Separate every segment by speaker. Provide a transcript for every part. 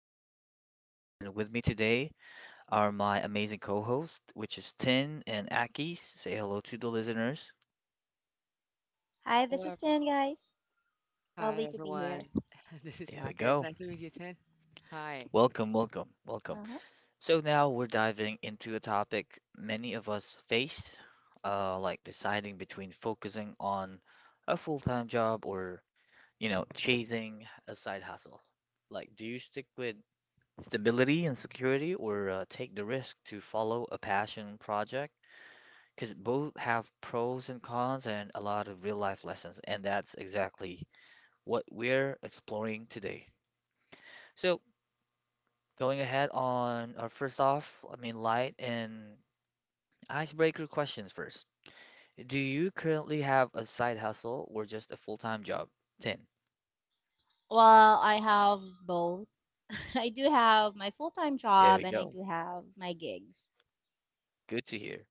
Speaker 1: your host again, and with me today are my amazing co hosts which is Tin and Akis. Say hello to the listeners.
Speaker 2: Hi, this
Speaker 3: Hello,
Speaker 2: is Jen, guys.
Speaker 3: hi
Speaker 2: Lovely to be
Speaker 3: everyone.
Speaker 2: here.
Speaker 3: This is
Speaker 1: There we
Speaker 3: Aka. It's
Speaker 1: go.
Speaker 3: nice to meet you, Tin. Hi.
Speaker 1: Welcome, welcome, welcome.
Speaker 2: Uh-huh.
Speaker 1: So now we're diving into a topic many of us face, like deciding between focusing on a full-time job or chasing a side hustle. Like, do you stick with stability and security or take the risk to follow a passion project, because both have pros and cons and a lot of real life lessons, and that's exactly what we're exploring today. So going ahead on our first off, light and icebreaker questions first. Do you currently have a side hustle or just a full-time job, 10?
Speaker 2: Well, I have both. I do have my full-time
Speaker 1: There
Speaker 2: job
Speaker 1: we
Speaker 2: and I
Speaker 1: go.
Speaker 2: do have my gigs.
Speaker 1: Good to hear.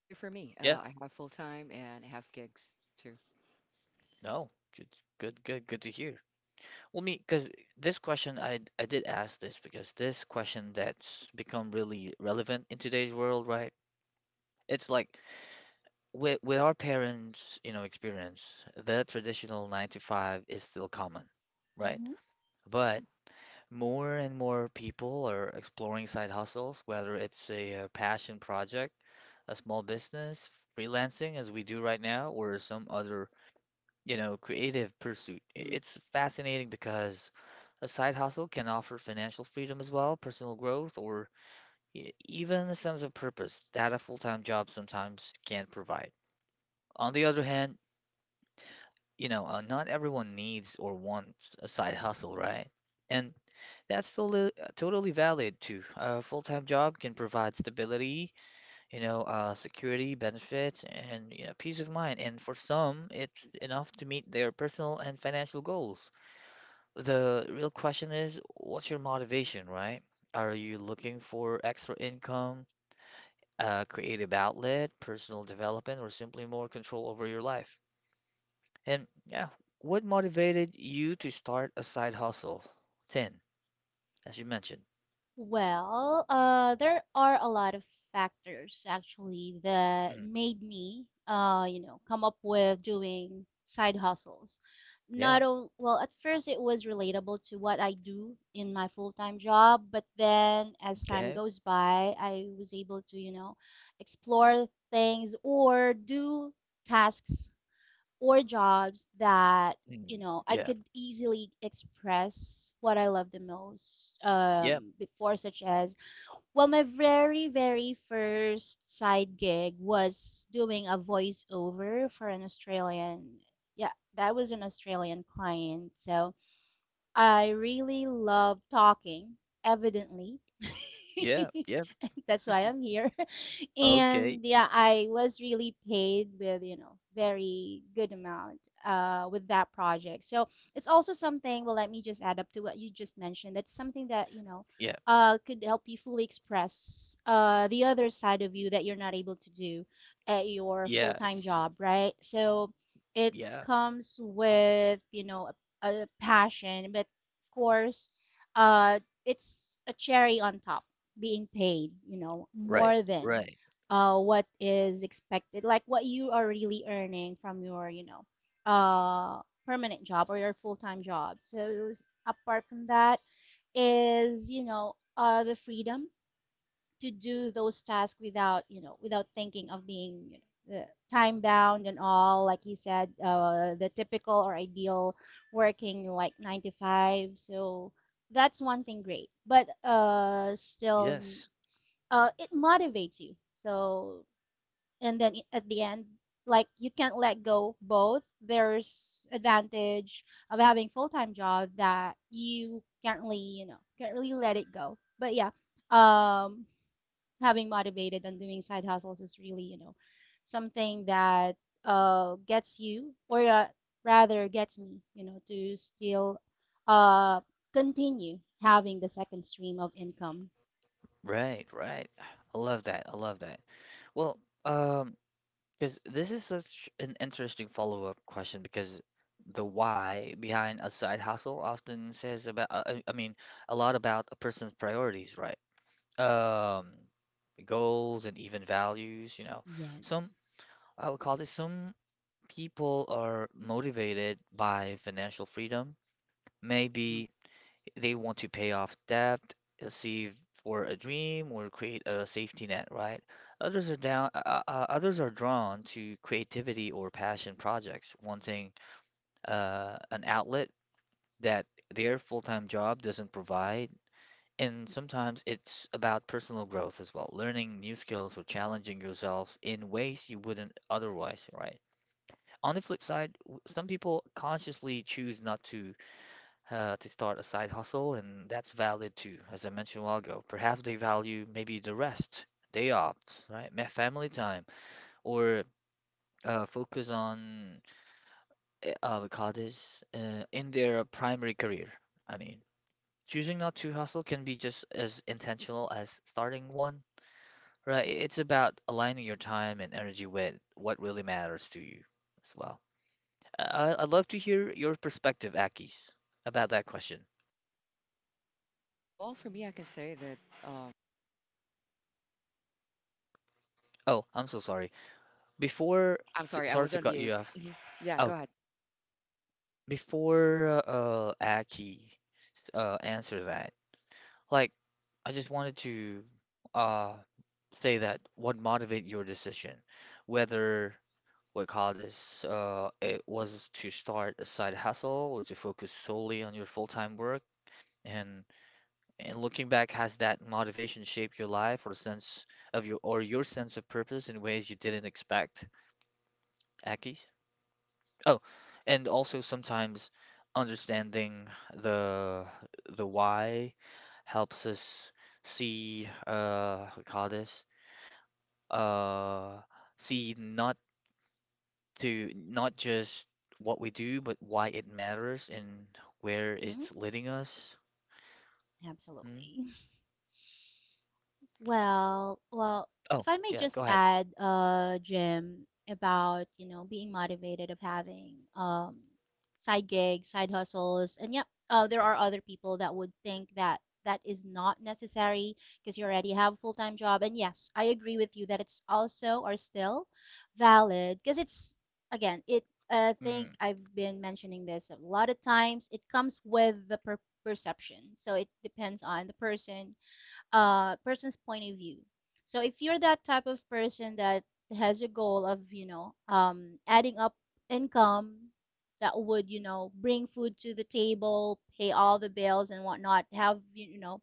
Speaker 3: So for me,
Speaker 1: Yeah.
Speaker 3: I have full time and I have gigs too.
Speaker 1: No, good, good, good, good to hear. Well, me, because this question, I did ask this because this question that's become really relevant in today's world, right? It's like with our parents, you know, experience, the traditional nine to five is still common, right?
Speaker 3: Yeah.
Speaker 1: But more and more people are exploring side hustles, whether it's a, passion project, a small business, freelancing, as we do right now, or some other, you know, creative pursuit.
Speaker 3: Mm-hmm.
Speaker 1: It's fascinating because a side hustle can offer financial freedom as well, personal growth, or even a sense of purpose that a full-time job sometimes can't provide. On the other hand, you know, not everyone needs or wants a side hustle, right? And that's totally, totally valid too. A full-time job can provide stability, you know, security, benefits, and, you know, peace of mind. And for some, it's enough to meet their personal and financial goals. The real question is, what's your motivation, right? Are you looking for extra income, a creative outlet, personal development, or simply more control over your life? And yeah, what motivated you to start a side hustle, 10, as you mentioned?
Speaker 2: Well, there are a lot of factors actually that
Speaker 1: Mm,
Speaker 2: made me, you know, come up with doing side hustles.
Speaker 1: yeah,
Speaker 2: Not only, well, at first it was relatable to what I do in my full-time job, but then as time
Speaker 1: okay.
Speaker 2: goes by, I was able to, you know, explore things or do tasks or jobs that you
Speaker 1: Mm,
Speaker 2: know I
Speaker 1: yeah,
Speaker 2: could easily express what I love the most
Speaker 1: yeah,
Speaker 2: before, such as well, my very first side gig was doing a voiceover for an Australian. Yeah, that was an Australian client, so I really love talking. Evidently,
Speaker 1: yeah, yeah.
Speaker 2: that's
Speaker 3: Yeah.
Speaker 2: why I'm here,
Speaker 1: Okay.
Speaker 2: and yeah, I was really paid with, you know, very good amount with that project. So it's also something, well, let me just add up to what you just mentioned. That's something that, you know,
Speaker 1: Yeah,
Speaker 2: could help you fully express the other side of you that you're not able to do at your full-time
Speaker 1: yes.
Speaker 2: job, right? So it
Speaker 1: Yeah,
Speaker 2: comes with, you know, a passion, but of course, uh, it's a cherry on top, being paid, you know,
Speaker 1: right,
Speaker 2: more than
Speaker 1: right.
Speaker 2: what is expected, like what you are really earning from your, you know, permanent job or your full-time job. So apart from that is, you know, the freedom to do those tasks without, you know, without thinking of being, you know, the time bound and all. Like he said, the typical or ideal working like nine to five. So that's one thing great, but still,
Speaker 1: Yes,
Speaker 2: it motivates you. So and then at the end, like you can't let go both. There's advantage of having full-time job that you can't really, you know, can't really let it go, but yeah, um having motivated and doing side hustles is really, you know, something that gets you, or rather gets me, you know, to still uh continue having the second stream of income.
Speaker 1: right, right. I love that. I love that. Well, um, because this is such an interesting follow-up question because the why behind a side hustle often says about, a lot about a person's priorities, right? Um, goals and even values, you know. Some,
Speaker 2: Yes.
Speaker 1: I would call this, some people are motivated by financial freedom,
Speaker 3: Hmm.
Speaker 1: maybe they want to pay off debt, save for a dream, or create a safety net, right? Others are down, others are drawn to creativity or passion projects, wanting an outlet that their full-time job doesn't provide. And sometimes it's about personal growth as well, learning new skills or challenging yourself in ways you wouldn't otherwise, right? On the flip side, some people consciously choose not to, to start a side hustle, and that's valid too, as I mentioned a while ago. Perhaps they value maybe the rest, day off, right? Family time, or focus on, we call this, in their primary career. I mean, choosing not to hustle can be just as intentional as starting one, right? It's about aligning your time and energy with what really matters to you as well. I- I'd love to hear your perspective, Akis, about that question.
Speaker 3: Oh, well, for me, I can say that. Um,
Speaker 1: Oh, I'm so sorry. Before,
Speaker 3: yeah. I'm sorry, I
Speaker 1: sorry
Speaker 3: was
Speaker 1: to
Speaker 3: on
Speaker 1: cut
Speaker 3: mute.
Speaker 1: you off.
Speaker 3: Mhm. Yeah. Go
Speaker 1: Oh,
Speaker 3: ahead.
Speaker 1: before Aki answer that, like, I just wanted to uh say that what motivate your decision, whether what call this, it was to start a side hustle or to focus solely on your full-time work, and and looking back, has that motivation shaped your life or sense of your or your sense of purpose in ways you didn't expect, Aki? Oh, and also sometimes understanding the the why helps us see, what you call this, uh see not to not just what we do but why it matters and where
Speaker 2: Hmm.
Speaker 1: it's leading us. Mm.
Speaker 2: Absolutely. Well, well,
Speaker 1: Oh,
Speaker 2: if I may
Speaker 1: yeah,
Speaker 2: just
Speaker 1: go ahead.
Speaker 2: add, Jim, about, you know, being motivated of having side gigs, side hustles, and yep, there are other people that would think that that is not necessary because you already have a full-time job. And yes, I agree with you that it's also or still valid because it's again, it I think
Speaker 1: Mm,
Speaker 2: I've been mentioning this a lot of times. It comes with the perception. So it depends on the person person's point of view. So if you're that type of person that has a goal of, you know, adding up income that would, you know, bring food to the table, pay all the bills and whatnot, have, you know,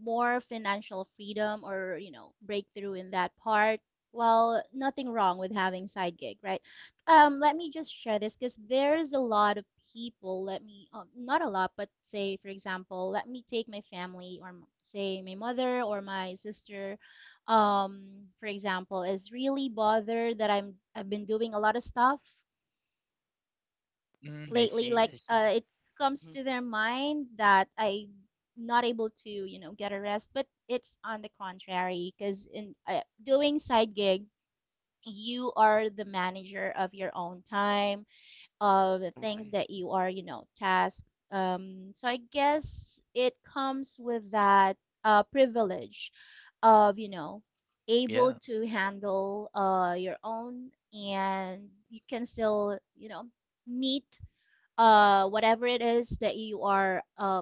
Speaker 2: more financial freedom or, you know, breakthrough in that part. Well, nothing wrong with having side gig, right? Let me just share this because there's a lot of people. Let me, not a lot, but say, for example, let me take my family or say my mother or my sister, um, for example, is really bothered that I've been doing a lot of stuff
Speaker 3: Hmm.
Speaker 1: mm, I
Speaker 2: lately,
Speaker 1: see,
Speaker 2: like
Speaker 1: I see.
Speaker 2: it
Speaker 3: Hmm.
Speaker 2: comes to their mind that I not able to, you know, get a rest, but it's on the contrary because in doing side gig, you are the manager of your own time, of the
Speaker 3: Exactly.
Speaker 2: things that you are, you know, tasked. So I guess it comes with that privilege of, you know, able
Speaker 1: Yeah.
Speaker 2: to handle your own, and you can still, you know, meet whatever it is that you are uh,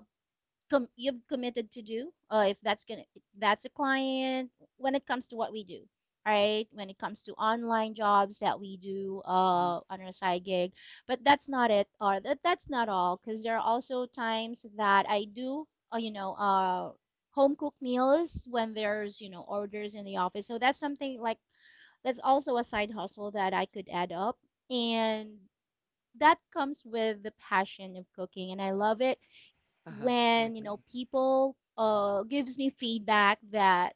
Speaker 2: com- you've committed to do. If that's gonna, if that's a client. When it comes to what we do, all right. When it comes to online jobs that we do
Speaker 3: Hmm.
Speaker 2: on our side gig, but that's not it, or that, that's not all, because there are also times that I do, uh, you know, uh, home cooked meals when there's, you know, orders in the office. So that's something like that's also a side hustle that I could add up, and that comes with the passion of cooking, and I love it
Speaker 3: Uh-huh. I
Speaker 2: when, you know,
Speaker 3: agree.
Speaker 2: people gives me feedback that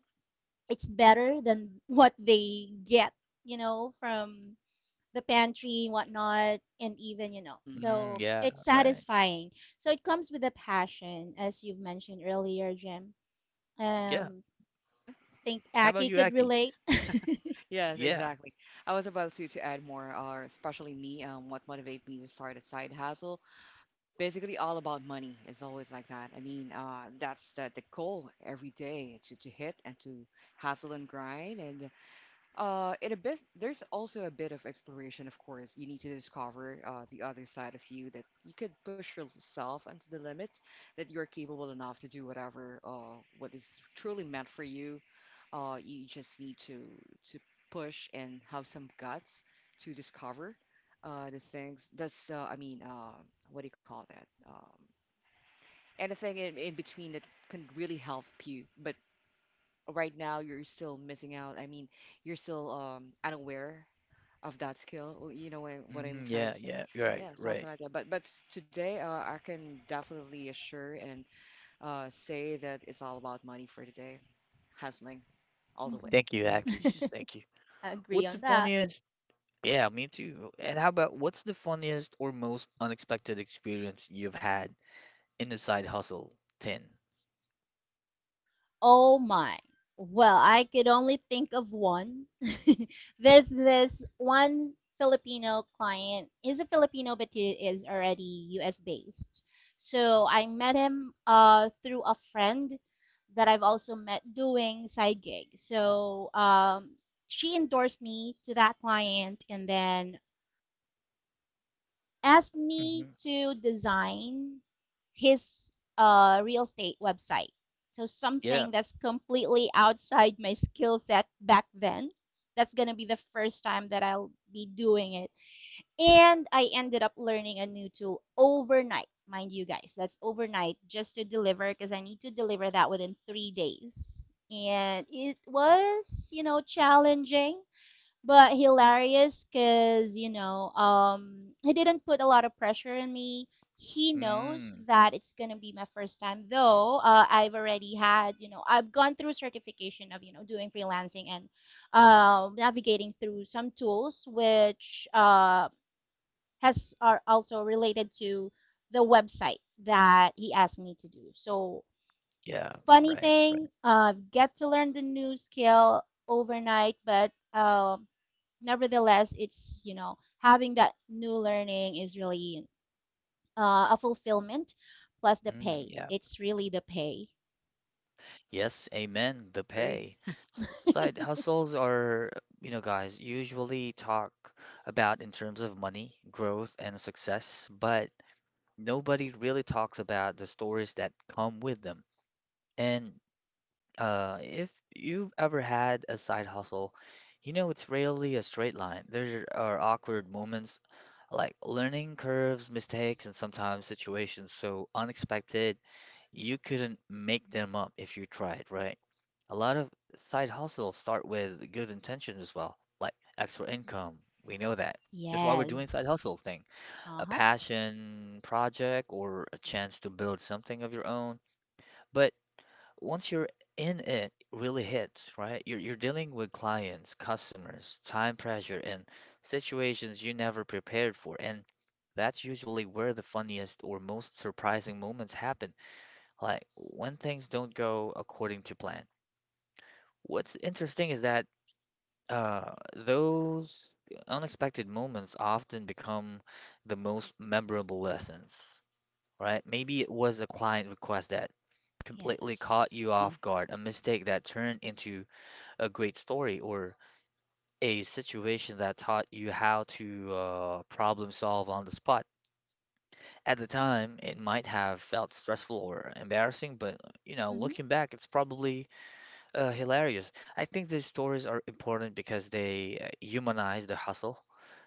Speaker 2: it's better than what they get, you know, from the pantry, whatnot, and even, you know,
Speaker 3: Hmm.
Speaker 1: Mm,
Speaker 2: so
Speaker 1: yeah,
Speaker 2: it's
Speaker 1: right.
Speaker 2: satisfying. So it comes with a passion, as you've mentioned earlier, Jim.
Speaker 1: Yeah.
Speaker 2: Um,
Speaker 3: Yeah.
Speaker 2: think
Speaker 1: How about
Speaker 2: Aki
Speaker 1: you,
Speaker 2: could
Speaker 1: Akish?
Speaker 2: relate.
Speaker 3: Yes,
Speaker 1: Yeah.
Speaker 3: exactly. I was about to add more, especially me, what motivates me to start a side hustle basically all about money. It's always like that. I mean, that's the goal every day to hit and to hustle and grind. And in a bit, there's also a bit of exploration, of course. You need to discover the other side of you that you could push yourself unto the limit, that you're capable enough to do whatever what is truly meant for you you just need to to push and have some guts to discover the things that's I mean, what do you call that, anything in between that can really help you, but right now you're still missing out. I mean, you're still unaware of that skill. Well, you know what, what I'm
Speaker 1: Mm,
Speaker 3: trying
Speaker 1: yeah,
Speaker 3: to say,
Speaker 1: yeah. Right,
Speaker 3: yeah, something
Speaker 1: right.
Speaker 3: like that. But today, I can definitely assure and say that it's all about money for today. Hustling all the
Speaker 2: Hmm.
Speaker 3: way.
Speaker 1: Thank you, Akish. Thank you.
Speaker 2: I agree
Speaker 1: What's
Speaker 2: on
Speaker 1: the
Speaker 2: that.
Speaker 1: funniest? Yeah, me too. And how about, what's the funniest or most unexpected experience you've had in the side hustle, 10?
Speaker 2: Oh my. Well, I could only think of one. There's this one Filipino client. He's a Filipino, but he is already US based. So I met him through a friend that I've also met doing side gigs. So she endorsed me to that client, and then asked me
Speaker 1: Mm-hmm.
Speaker 2: to design his real estate website. So
Speaker 1: Yeah.
Speaker 2: something that's completely outside my skill set back then. That's gonna be the first time that I'll be doing it. And I ended up learning a new tool overnight, mind you guys. That's overnight, just to deliver because I need to deliver that within 3 days. And it was, you know, challenging but hilarious because, you know, he didn't put a lot of pressure on me. He knows
Speaker 1: Mm.
Speaker 2: that it's gonna be my first time, though I've already had, you know, I've gone through certification of, you know, doing freelancing and navigating through some tools which has are also related to the website that he asked me to do. So
Speaker 1: Yeah,
Speaker 2: funny
Speaker 1: right, right.
Speaker 2: thing, get to learn the new skill overnight, but nevertheless, it's, you know, having that new learning is really a fulfillment, plus the pay.
Speaker 1: Mm, yeah.
Speaker 2: It's really the pay.
Speaker 1: Yes, amen. The
Speaker 3: Agree.
Speaker 1: pay. S- Side hustles are, you know, guys, usually talk about in terms of money, growth, and success, but nobody really talks about the stories that come with them. And, uh, if you've ever had a side hustle, you know it's rarely a straight line. There are awkward moments, like learning curves, mistakes, and sometimes situations so unexpected you couldn't make them up if you tried, right? A lot of side hustles start with good intentions as well, like extra income. We know that. That's why we're doing side
Speaker 2: Yes.
Speaker 1: hustle thing, a
Speaker 2: Uh-huh.
Speaker 1: passion project or a chance to build something of your own. But once you're in it, really hits, right? You're dealing with clients, customers, time pressure, and situations you never prepared for. And that's usually where the funniest or most surprising moments happen, like when things don't go according to plan. What's interesting is that, uh, those unexpected moments often become the most memorable lessons, right? Maybe it was a client request that completely caught
Speaker 2: Yes.
Speaker 1: you off guard, a mistake that turned into a great story, or a situation that taught you how to, problem solve on the spot. At the time, it might have felt stressful or embarrassing, but, you know,
Speaker 2: Hmm.
Speaker 1: looking back, it's probably, hilarious. I think these stories are important because they, humanize the hustle,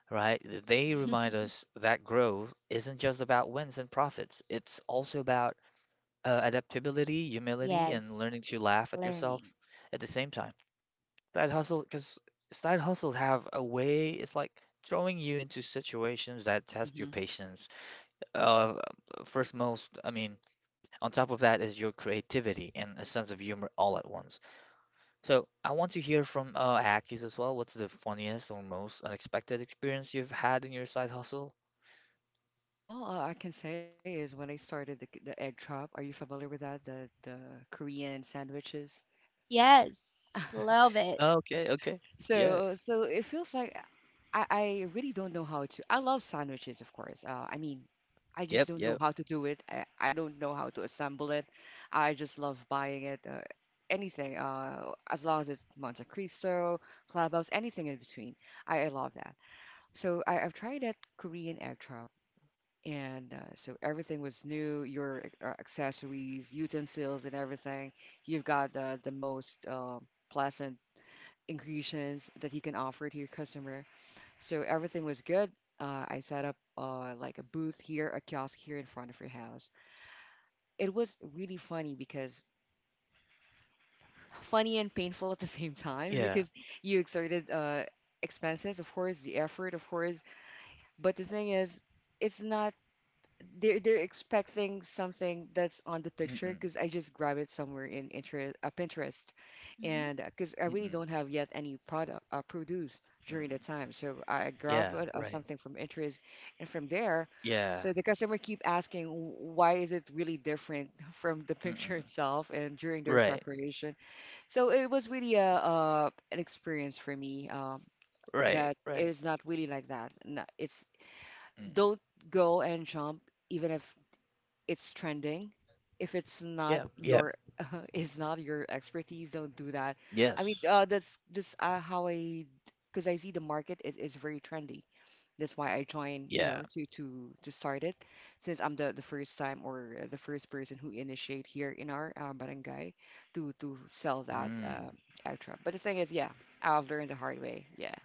Speaker 1: right? They remind us that growth isn't just about wins and profits. It's also about, adaptability, humility, and
Speaker 2: Yes.
Speaker 1: learning to laugh at yourself
Speaker 2: Learning.
Speaker 1: at the same time. Side hustle, because side hustles have a way, it's like throwing you into situations that test your
Speaker 3: Hmm.
Speaker 1: patience. Uh, first, most, I mean, On top of that is your creativity and a sense of humor all at once. So, I want to hear from, Akis as well. What's the funniest or most unexpected experience you've had in your side hustle?
Speaker 3: Well, I can say is when I started the egg chop. Are you familiar with that? The Korean sandwiches.
Speaker 2: Yes. Love it.
Speaker 1: Okay, okay. Yeah.
Speaker 3: So it feels like I really don't know how to. I love sandwiches, of course. I mean, I just
Speaker 1: Yep,
Speaker 3: don't know
Speaker 1: yep.
Speaker 3: how to do it. I don't know how to assemble it. I just love buying it. Anything, as long as it's Monte Cristo, Clubhouse, anything in between. I love that. So I've tried that Korean egg chop. And so everything was new, your accessories, utensils, and everything. You've got the most pleasant ingredients that you can offer to your customer, so everything was good. I set up like a booth here, a kiosk here in front of your house. It was really funny because, funny and painful at the same time,
Speaker 1: Yeah.
Speaker 3: because you exerted, expenses, of course, the effort, of course, but the thing is, it's not, they're expecting something that's on the picture
Speaker 1: Mm-mm.
Speaker 3: because I just grab it somewhere in interest, Pinterest,
Speaker 2: Hmm.
Speaker 3: and because I really don't
Speaker 1: Mm-mm.
Speaker 3: have yet any product, produce during the
Speaker 1: Mm-mm.
Speaker 3: time, so I grab,
Speaker 1: Yeah, right.
Speaker 3: something from interest, and from there, so
Speaker 1: Yeah.
Speaker 3: the customer keep asking, why is it really different from the picture
Speaker 1: Mm-mm.
Speaker 3: itself and during their
Speaker 1: Right.
Speaker 3: preparation." So it was really a, an experience for me, that
Speaker 1: Right. Right.
Speaker 3: is not really like that. No, it's,
Speaker 1: Mm.
Speaker 3: don't go and jump even if it's trending. If it's not
Speaker 1: Yeah. Yeah.
Speaker 3: your, it's not your expertise, don't do that. I mean,
Speaker 1: Yes.
Speaker 3: that's just how I, because I see the market is very trendy. That's why I joined, you
Speaker 1: Yeah.
Speaker 3: know, to start it, since I'm the first time, or the first person who initiate here in our barangay to sell that,
Speaker 1: Mm.
Speaker 3: extra. But the thing is, yeah, I've learned the hard way. Yeah.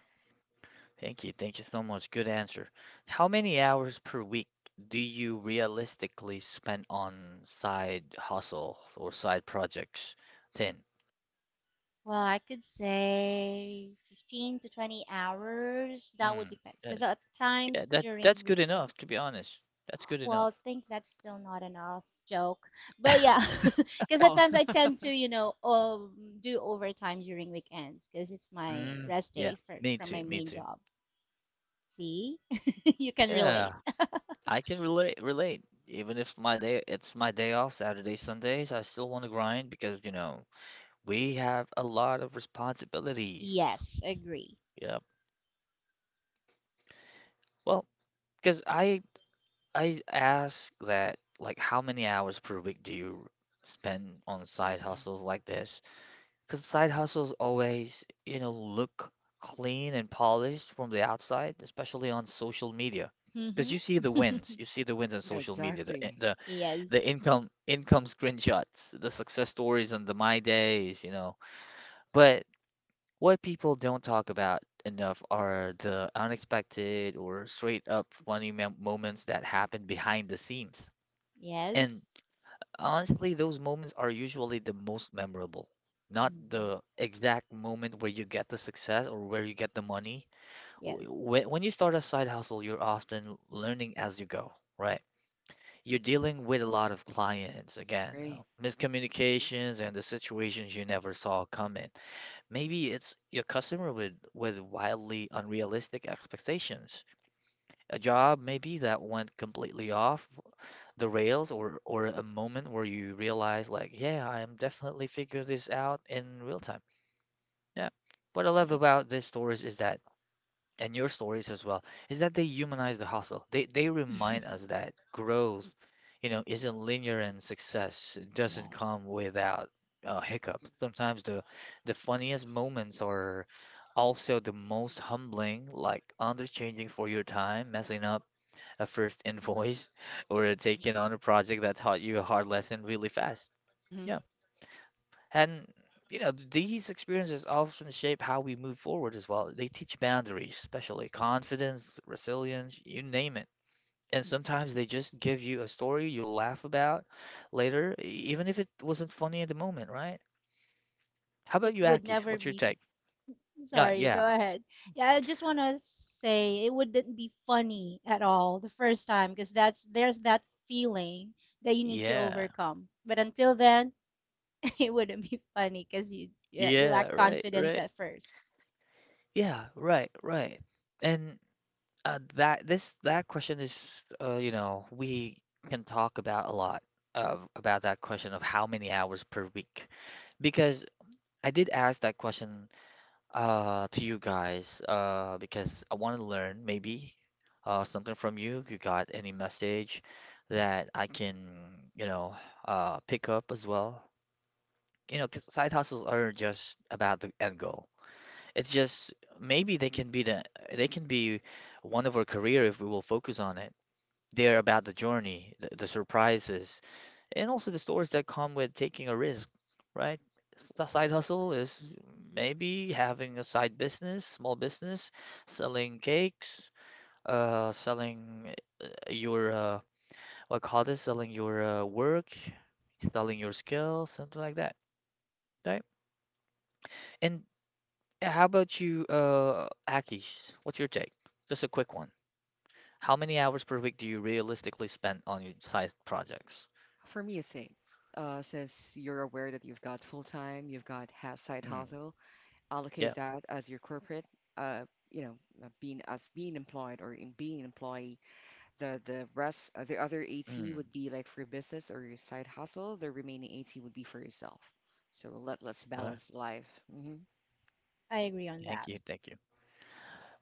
Speaker 1: Thank you. Thank you so much. Good answer. How many hours per week do you realistically spend on side hustle or side projects, 10?
Speaker 2: Well, I could say 15 to 20 hours. That would
Speaker 1: Mm.
Speaker 2: depend
Speaker 1: That,
Speaker 2: because at
Speaker 1: yeah,
Speaker 2: times
Speaker 1: that
Speaker 2: during
Speaker 1: that's good enough,
Speaker 2: weekends.
Speaker 1: to be honest. That's good
Speaker 2: Well,
Speaker 1: enough.
Speaker 2: I think that's still not enough joke. But yeah, because at
Speaker 3: Oh.
Speaker 2: times I tend to, you know, do overtime during weekends because it's my
Speaker 1: Mm.
Speaker 2: rest
Speaker 1: Yeah,
Speaker 2: day for,
Speaker 1: me
Speaker 2: from my
Speaker 1: too. Me
Speaker 2: main
Speaker 1: too.
Speaker 2: job. See? You can relate.
Speaker 1: Yeah, I can relate. Even if my day it's my day off, Saturday, Sundays, I still want to grind because, you know, we have a lot of responsibilities.
Speaker 2: Yes, agree.
Speaker 1: Yep. Well, because I ask that, like, how many hours per week do you spend on side
Speaker 3: Mhm.
Speaker 1: hustles like this? Because side hustles always, you know, look clean and polished from the outside, especially on social media. Because
Speaker 2: Hmm.
Speaker 1: you see the wins, you see the wins on
Speaker 3: Yeah,
Speaker 1: social media, the in-
Speaker 3: exactly.
Speaker 1: the
Speaker 2: Yes.
Speaker 1: the income income screenshots, the success stories on the My Days, you know. But what people don't talk about enough are the unexpected or straight up funny moments that happen behind the scenes. And
Speaker 2: Yes.
Speaker 1: honestly, those moments are usually the most memorable. Not
Speaker 2: Hmm.
Speaker 1: the exact moment where you get the success or where you get the money. W-
Speaker 2: Yes.
Speaker 1: When, when you start a side hustle, you're often learning as you go, right? You're dealing with a lot of clients, again,
Speaker 3: Agree.
Speaker 1: miscommunications and the situations you never saw coming. Maybe it's your customer with wildly unrealistic expectations. A job maybe that went completely off the rails, or a moment where you realize like, yeah, I am definitely figuring this out in real time. Yeah. What I
Speaker 2: And
Speaker 1: love
Speaker 2: it,
Speaker 1: about these stories is that and your stories as well, is that they humanize the hustle. They remind us that growth, you know, isn't linear and success doesn't
Speaker 2: yes.
Speaker 1: come without a hiccup. Sometimes the funniest moments are also the most humbling, like underchanging for your time, messing up a first invoice, or taking on a project that taught you a hard lesson really fast.
Speaker 3: Hmm.
Speaker 1: Yeah. And, you know, these experiences often shape how we move forward as well. They teach boundaries, especially confidence, resilience, you name it. And sometimes they just give you a story you'll laugh about later, even if it wasn't funny at the moment, right? How about
Speaker 2: It
Speaker 1: you,
Speaker 2: would
Speaker 1: Akis?
Speaker 2: never
Speaker 1: What's your
Speaker 2: be.
Speaker 3: Agree.
Speaker 1: take? Uh,
Speaker 2: Sorry, go
Speaker 1: yeah,
Speaker 2: ahead. Yeah, I just want to say it wouldn't be funny at all the first time because that's there's that feeling that you need to
Speaker 1: yeah,
Speaker 2: overcome. But until then, it wouldn't be funny because you, yeah, you
Speaker 1: yeah,
Speaker 2: lack
Speaker 1: right,
Speaker 2: confidence
Speaker 1: right.
Speaker 2: at first.
Speaker 1: Yeah, right, right. And, that this that question is, you know, we can talk about a lot of about that question of how many hours per week, because I did ask that question to you guys because I want to learn maybe something from you. You got any message that I can, you know, pick up as well. You know, 'cause side hustles are just about the end goal. It's just maybe they can be they can be one of our career if we will focus on it. They're about the journey, the surprises, and also the stories that come with taking a risk, right? The side hustle is maybe having a side business, small business, selling cakes, selling your selling your work, selling your skills, something like that, right? And how about you, Akis? What's your take? Just a quick one. How many hours per week do you realistically spend on your side projects?
Speaker 3: For me, it's same. Since you're aware that you've got full time, you've got ha side
Speaker 1: Mm,
Speaker 3: hustle, allocate
Speaker 1: yeah.
Speaker 3: that as your corporate, uh, you know, being as being employed or in being an employee. The rest, the other 80
Speaker 1: Hmm.
Speaker 3: would be like for your business or your side hustle. The remaining 80 would be for yourself. So let's
Speaker 1: Yeah,
Speaker 3: balance life. Hmm.
Speaker 2: I agree on
Speaker 1: thank
Speaker 2: that.
Speaker 1: you, thank you.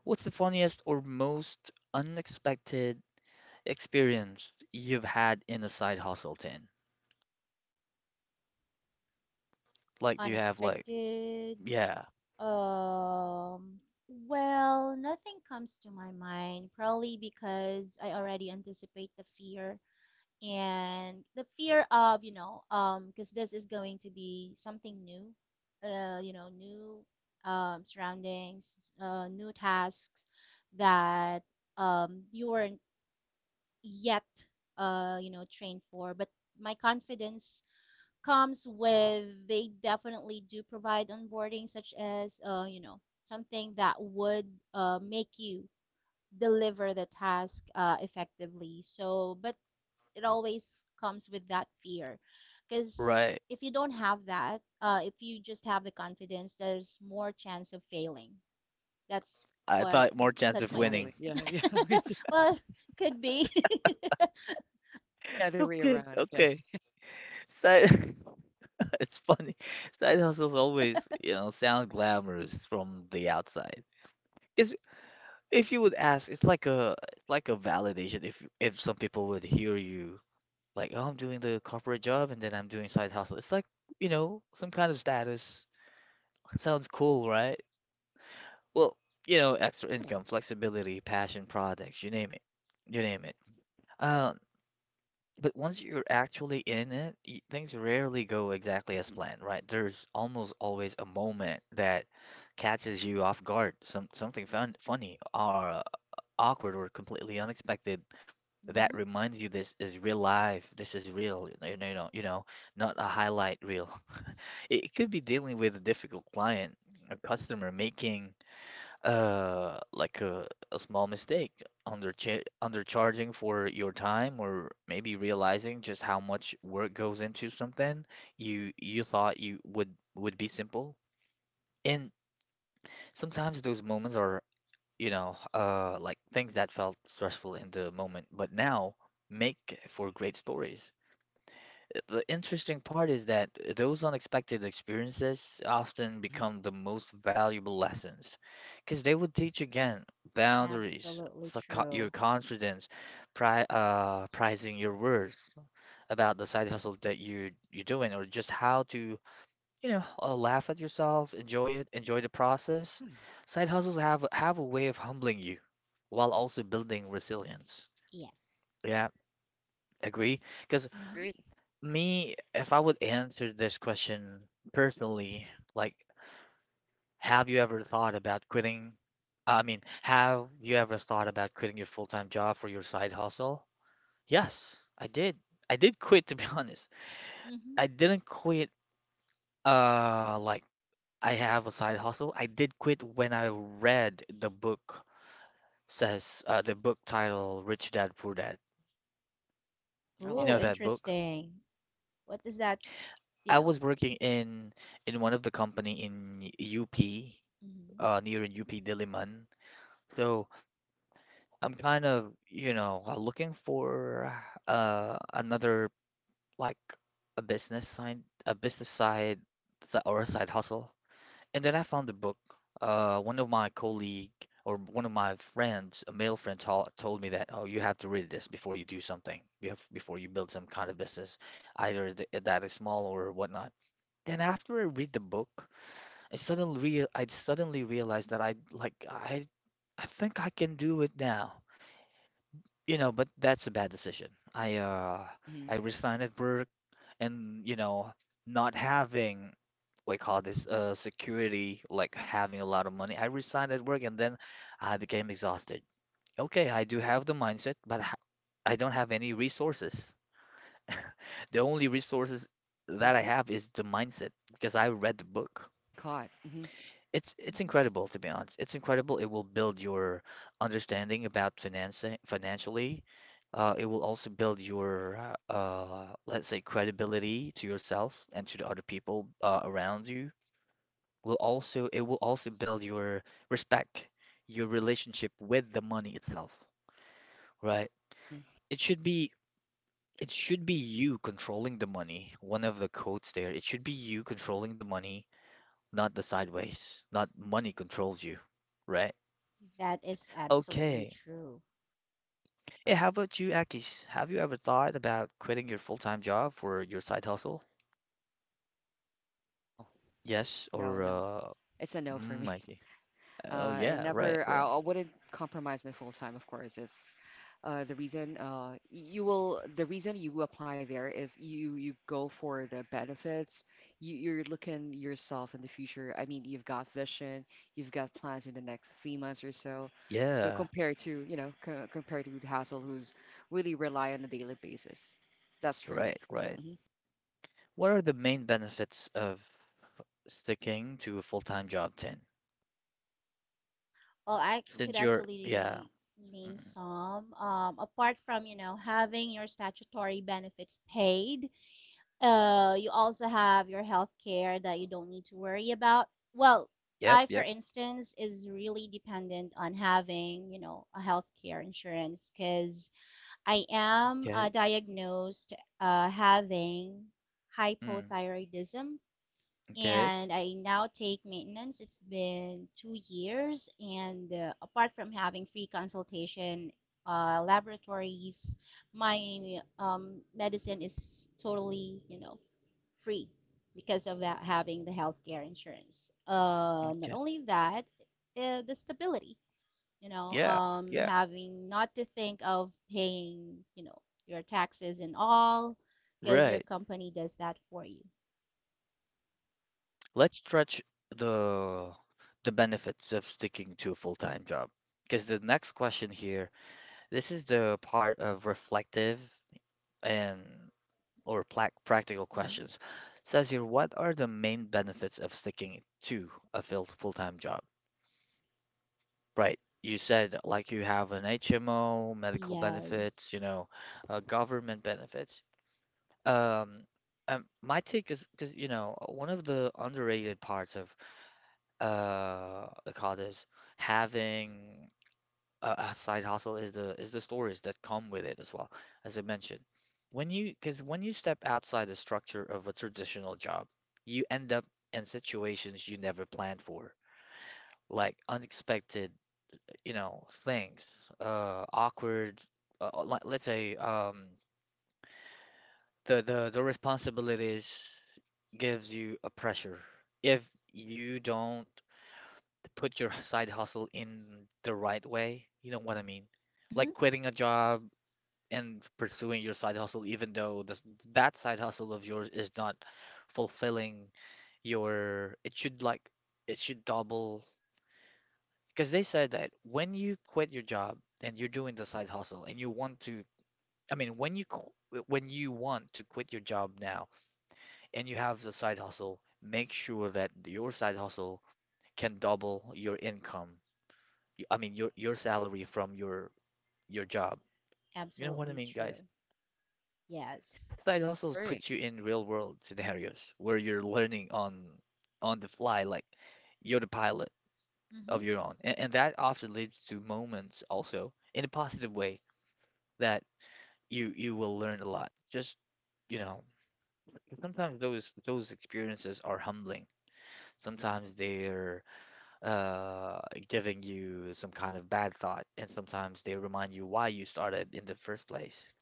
Speaker 1: What's the funniest or most unexpected experience you've had in a side hustle, Tin? Like, do you have like,
Speaker 2: Unexpected,
Speaker 1: yeah,
Speaker 2: um well, nothing comes to my mind, probably because I already anticipate the fear and the fear of, you know, because this is going to be something new, you know, new, surroundings, new tasks that, you weren't yet, you know, trained for. But my confidence comes with they definitely do provide onboarding, such as, you know, something that would make you deliver the task effectively. So but it always comes with that fear, because
Speaker 1: right.
Speaker 2: if you don't have that, if you just have the confidence, there's more chance of failing. That's
Speaker 1: I
Speaker 2: what
Speaker 1: thought
Speaker 2: mm,
Speaker 1: more chance
Speaker 2: that's
Speaker 1: of
Speaker 2: my take.
Speaker 1: winning.
Speaker 3: Exactly. Yeah, yeah. Me too.
Speaker 2: Well, could be.
Speaker 3: It's the other way
Speaker 1: Okay,
Speaker 3: around. Okay.
Speaker 1: okay. Side, it's funny. Side hustles always, you know, sound glamorous from the outside. Because if you would ask, it's like it's like a validation. If some people would hear you like, oh, I'm doing the corporate job and then I'm doing side hustle. It's like, you know, some kind of status. Sounds cool, right? Well, you know, extra
Speaker 3: Yeah. It.
Speaker 1: income, flexibility, passion projects, you name it. You name it. Um, but once you're actually in it, things rarely go exactly as planned, right? There's almost always a moment that catches you off guard, something fun, funny or awkward or completely unexpected that
Speaker 2: Hmm.
Speaker 1: reminds you this is real life. This is real. Not a highlight reel. It could be dealing with a difficult client, a customer making like a small mistake, under undercharging for your time, or maybe realizing just how much work goes into something you thought you would be simple. And sometimes those moments are, like things that felt stressful in the moment, but now make for great stories. The interesting part is that those unexpected experiences often
Speaker 3: Hmm.
Speaker 1: become the most valuable lessons because they would teach again boundaries,
Speaker 2: Absolutely
Speaker 1: your
Speaker 2: true.
Speaker 1: confidence, prizing your words about the side hustle that you're doing, or just how to, you know, laugh at yourself, enjoy it, enjoy the process.
Speaker 3: Yeah.
Speaker 1: Side hustles have a way of humbling you while also building resilience.
Speaker 2: Yes.
Speaker 1: Yeah, agree. Because
Speaker 3: Great.
Speaker 2: Mm-hmm.
Speaker 1: me, if I would answer this question personally, like, have you ever thought about quitting? I mean, have you ever thought about quitting your full-time job for your side hustle? Yes, I did. I did quit, to be honest.
Speaker 2: Mm-hmm.
Speaker 1: I didn't quit, like I have a side hustle. I did quit when I read the book says, the book title Rich Dad Poor Dad.
Speaker 3: Mm, I
Speaker 1: You
Speaker 3: love
Speaker 2: Oh,
Speaker 1: know
Speaker 3: that.
Speaker 1: that book?
Speaker 2: interesting. What does that, you
Speaker 1: I
Speaker 2: know.
Speaker 1: was working in one of the company in UP.
Speaker 2: Mm-hmm.
Speaker 1: Near in UP Diliman. So I'm kind of, you know, looking for another like a business side, a business side or a side hustle. And then I found a book. One of my colleague or one of my friends, a male friend, told me that, oh, you have to read this before you do something, before you build some kind of business, either th that is small or whatnot. Then after I read the book, I suddenly realized that I think I can do it now. You know, but that's a bad decision.
Speaker 3: Hmm.
Speaker 1: I resigned at work and you know, not having what you call this security, like having a lot of money. I resigned at work and then I became exhausted. Okay, I do have the mindset, I don't have any resources. The only resources
Speaker 3: Hmm.
Speaker 1: that I have is the mindset because I read the book.
Speaker 3: Been caught. Hmm.
Speaker 1: It's
Speaker 2: Mm-hmm.
Speaker 1: incredible to be honest. It's incredible. It will build your understanding about financing financially. It will also build your let's say credibility to yourself and to the other people around you. Will also it will also build your respect, your relationship with the money itself, right?
Speaker 3: Hmm.
Speaker 1: It should be it should be you controlling the money. One of the quotes there. It should be you controlling the money, not the sideways. Not money controls you, right?
Speaker 2: That is absolutely
Speaker 1: Okay.
Speaker 2: true.
Speaker 1: Yeah,
Speaker 3: Correct.
Speaker 1: how about you, Akis? Have you ever thought about quitting your full-time job for your side hustle?
Speaker 3: No,
Speaker 1: Yes,
Speaker 3: no,
Speaker 1: or
Speaker 3: no. It's a no for
Speaker 1: mm,
Speaker 3: me.
Speaker 1: I see. Oh
Speaker 3: And
Speaker 1: yeah, right,
Speaker 3: never, I,
Speaker 1: right.
Speaker 3: I wouldn't compromise my full time, of course. It's, the reason, the reason you apply there is you go for the benefits. You're looking yourself in the future. I mean, you've got vision, you've got plans in the next 3 months or so. So
Speaker 1: Yeah,
Speaker 3: compared to, you know, co compared to the hassle who's really rely on a daily basis. That's for me.
Speaker 1: right, right.
Speaker 3: Hmm.
Speaker 1: What are the main benefits of sticking to a full-time job then?
Speaker 2: Well, I could
Speaker 1: Since you're, yeah.
Speaker 2: actually name
Speaker 1: Mm,
Speaker 2: some. Apart from, you know, having your statutory benefits paid, you also have your health care that you don't need to worry about. Well,
Speaker 1: yep,
Speaker 2: I, for
Speaker 1: yep.
Speaker 2: instance, is really dependent on having, you know, a health care insurance because I am
Speaker 1: Okay.
Speaker 2: diagnosed having
Speaker 1: Mm,
Speaker 2: hypothyroidism,
Speaker 1: okay.
Speaker 2: and I now take maintenance. It's been 2 years, and apart from having free consultation, laboratories, my medicine is totally, you know, free, because of that, having the healthcare insurance. Not
Speaker 1: Okay.
Speaker 2: only that, the stability, you know,
Speaker 1: Yeah, yeah.
Speaker 2: having not to think of paying, you know, your taxes and all, because your
Speaker 1: Right.
Speaker 2: company does that for you.
Speaker 1: Let's stretch the the benefits of sticking to a full-time job. Because the next question here, this is the part of reflective and or plac practical
Speaker 2: Hmm.
Speaker 1: questions. Says here, what are the main benefits of sticking to a full-time job? Right. You said like you have an HMO, medical benefits,
Speaker 2: Yes.
Speaker 1: you know, government benefits. Um, my take is because you know one of the underrated parts of I call this having a side hustle is the stories that come with it as well, as I mentioned. When you step outside the structure of a traditional job, you end up in situations you never planned for, like unexpected, you know, things, awkward, like let's say, the responsibilities gives you a pressure if you don't put your side hustle in the right way. You know what I mean?
Speaker 2: Mm-hmm.
Speaker 1: Like quitting a job in pursuing your side hustle, even though that side hustle of yours is not fulfilling your, it should like, it should double. Because they said that when you quit your job and you're doing the side hustle and you want to, I mean, when you want to quit your job now and you have the side hustle, make sure that your side hustle can double your income. I mean, your salary from your job. You know what I
Speaker 2: Absolutely
Speaker 1: mean, guys?
Speaker 2: true. Yes.
Speaker 1: Side hustles
Speaker 3: Correct.
Speaker 1: put you in real world scenarios where you're learning on the fly, like you're the pilot
Speaker 2: Mm-hmm.
Speaker 1: of your own. And that often leads to moments also in a positive way that you will learn a lot. Just, you know, sometimes those experiences are humbling. Sometimes they're uh giving you some kind of bad thought, and sometimes they remind you why you started in the first place.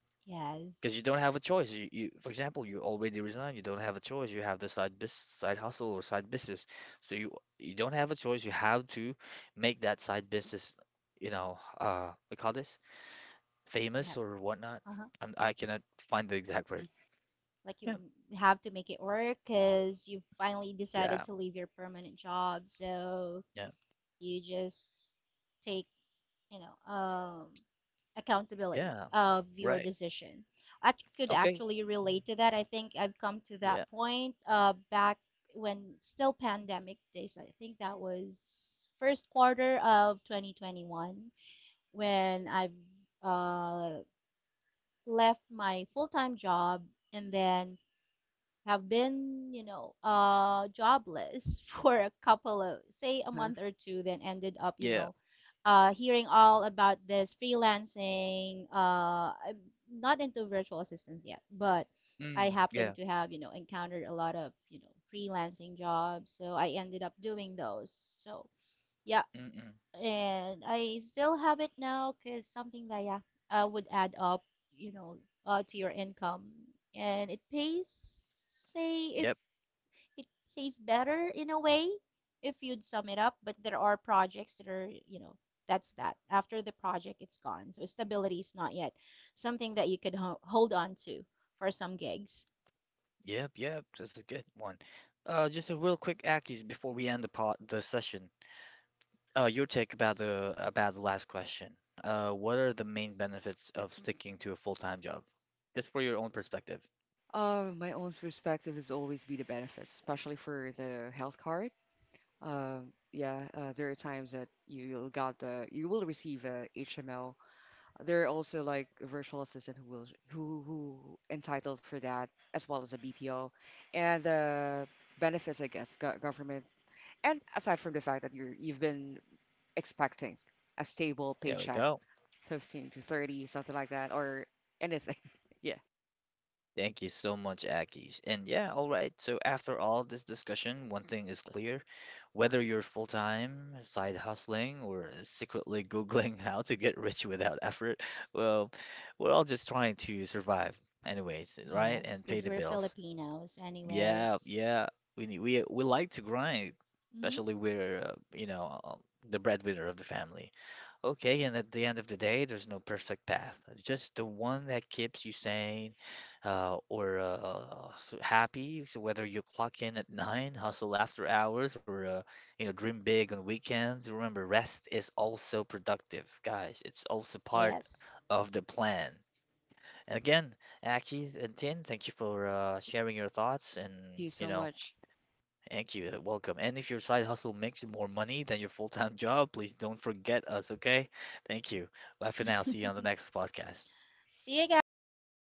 Speaker 1: Because you
Speaker 2: Yes.
Speaker 1: don't have a choice. For example, you already resigned. You don't have a choice. You have the side hustle or side business. So you don't have a choice. You have to make that side business, you know, we call this famous
Speaker 2: Yep.
Speaker 1: or whatnot.
Speaker 2: Uh-huh.
Speaker 1: I cannot find the exact
Speaker 3: Hmm.
Speaker 1: word.
Speaker 2: Like you
Speaker 1: Yeah,
Speaker 2: have to make it work because you finally decided
Speaker 1: yeah,
Speaker 2: to leave your permanent job, so
Speaker 1: yeah,
Speaker 2: you just take, you know, accountability
Speaker 1: yeah.
Speaker 2: of your
Speaker 1: Right.
Speaker 2: decision. I could
Speaker 1: Okay.
Speaker 2: actually
Speaker 1: Mm,
Speaker 2: relate to that. I think I've come to that
Speaker 1: yeah.
Speaker 2: point back when still pandemic days. I think that was first quarter of 2021, when I've uh, left my full time job and then have been, you know, jobless for a couple of, say, a
Speaker 3: Uh-huh.
Speaker 2: month or two, then ended up, you
Speaker 1: Yeah.
Speaker 2: know, hearing all about this freelancing. I'm not into virtual assistants yet, but I
Speaker 1: Mm,
Speaker 2: happen
Speaker 1: yeah.
Speaker 2: to have, you know, encountered a lot of, you know, freelancing jobs. So I ended up doing those. So yeah,
Speaker 1: Mm-mm.
Speaker 2: and I still have it now because something that yeah, would add up, you know, to your income, and it pays. Say if
Speaker 1: Yep.
Speaker 2: it pays better in a way if you'd sum it up, but there are projects that are, you know, that's that after the project it's gone, so stability is not yet something that you could hold on to for some gigs.
Speaker 1: Yep. Yep. That's a good one. Just a real quick Aki's before we end the session. Your take about the last question. What are the main benefits of sticking to a full-time job? Just for your own perspective.
Speaker 3: My own perspective is always be the benefits, especially for the health card. Yeah, there are times that you will receive a HMO. There are also like virtual assistant who will who entitled for that as well as a BPO, and the benefits, I guess, go government. And aside from the fact that you've been expecting a stable
Speaker 1: There we
Speaker 3: paycheck,
Speaker 1: go.
Speaker 3: 15 to 30, something like that, or anything. Yeah.
Speaker 1: Thank you so much, Akis. And yeah, all right. So after all this discussion, one thing is clear: whether you're full-time, side hustling, or secretly Googling how to get rich without effort, well, we're all just trying to survive, anyways, right?
Speaker 2: Yes,
Speaker 1: And pay
Speaker 2: because
Speaker 1: the
Speaker 2: we're
Speaker 1: bills.
Speaker 2: Filipinos,
Speaker 1: Yeah,
Speaker 2: anyways.
Speaker 1: yeah. We like to grind,
Speaker 2: Hmm.
Speaker 1: especially we're you know the breadwinner of the family. Okay, and at the end of the day, there's no perfect path. Just the one that keeps you sane, happy. So whether you clock in at nine, hustle after hours, or you know dream big on weekends. Remember, rest is also productive, guys. It's also part
Speaker 2: Yes.
Speaker 1: of the plan. Again, Aki and Tin, thank you for sharing your thoughts
Speaker 3: Thank
Speaker 1: and,
Speaker 3: you
Speaker 1: you
Speaker 3: so
Speaker 1: know,
Speaker 3: much.
Speaker 1: thank you. Welcome. And if your side hustle makes you more money than your full-time job, please don't forget us, okay? Thank you. Bye for now. See you on the next podcast.
Speaker 2: See you guys.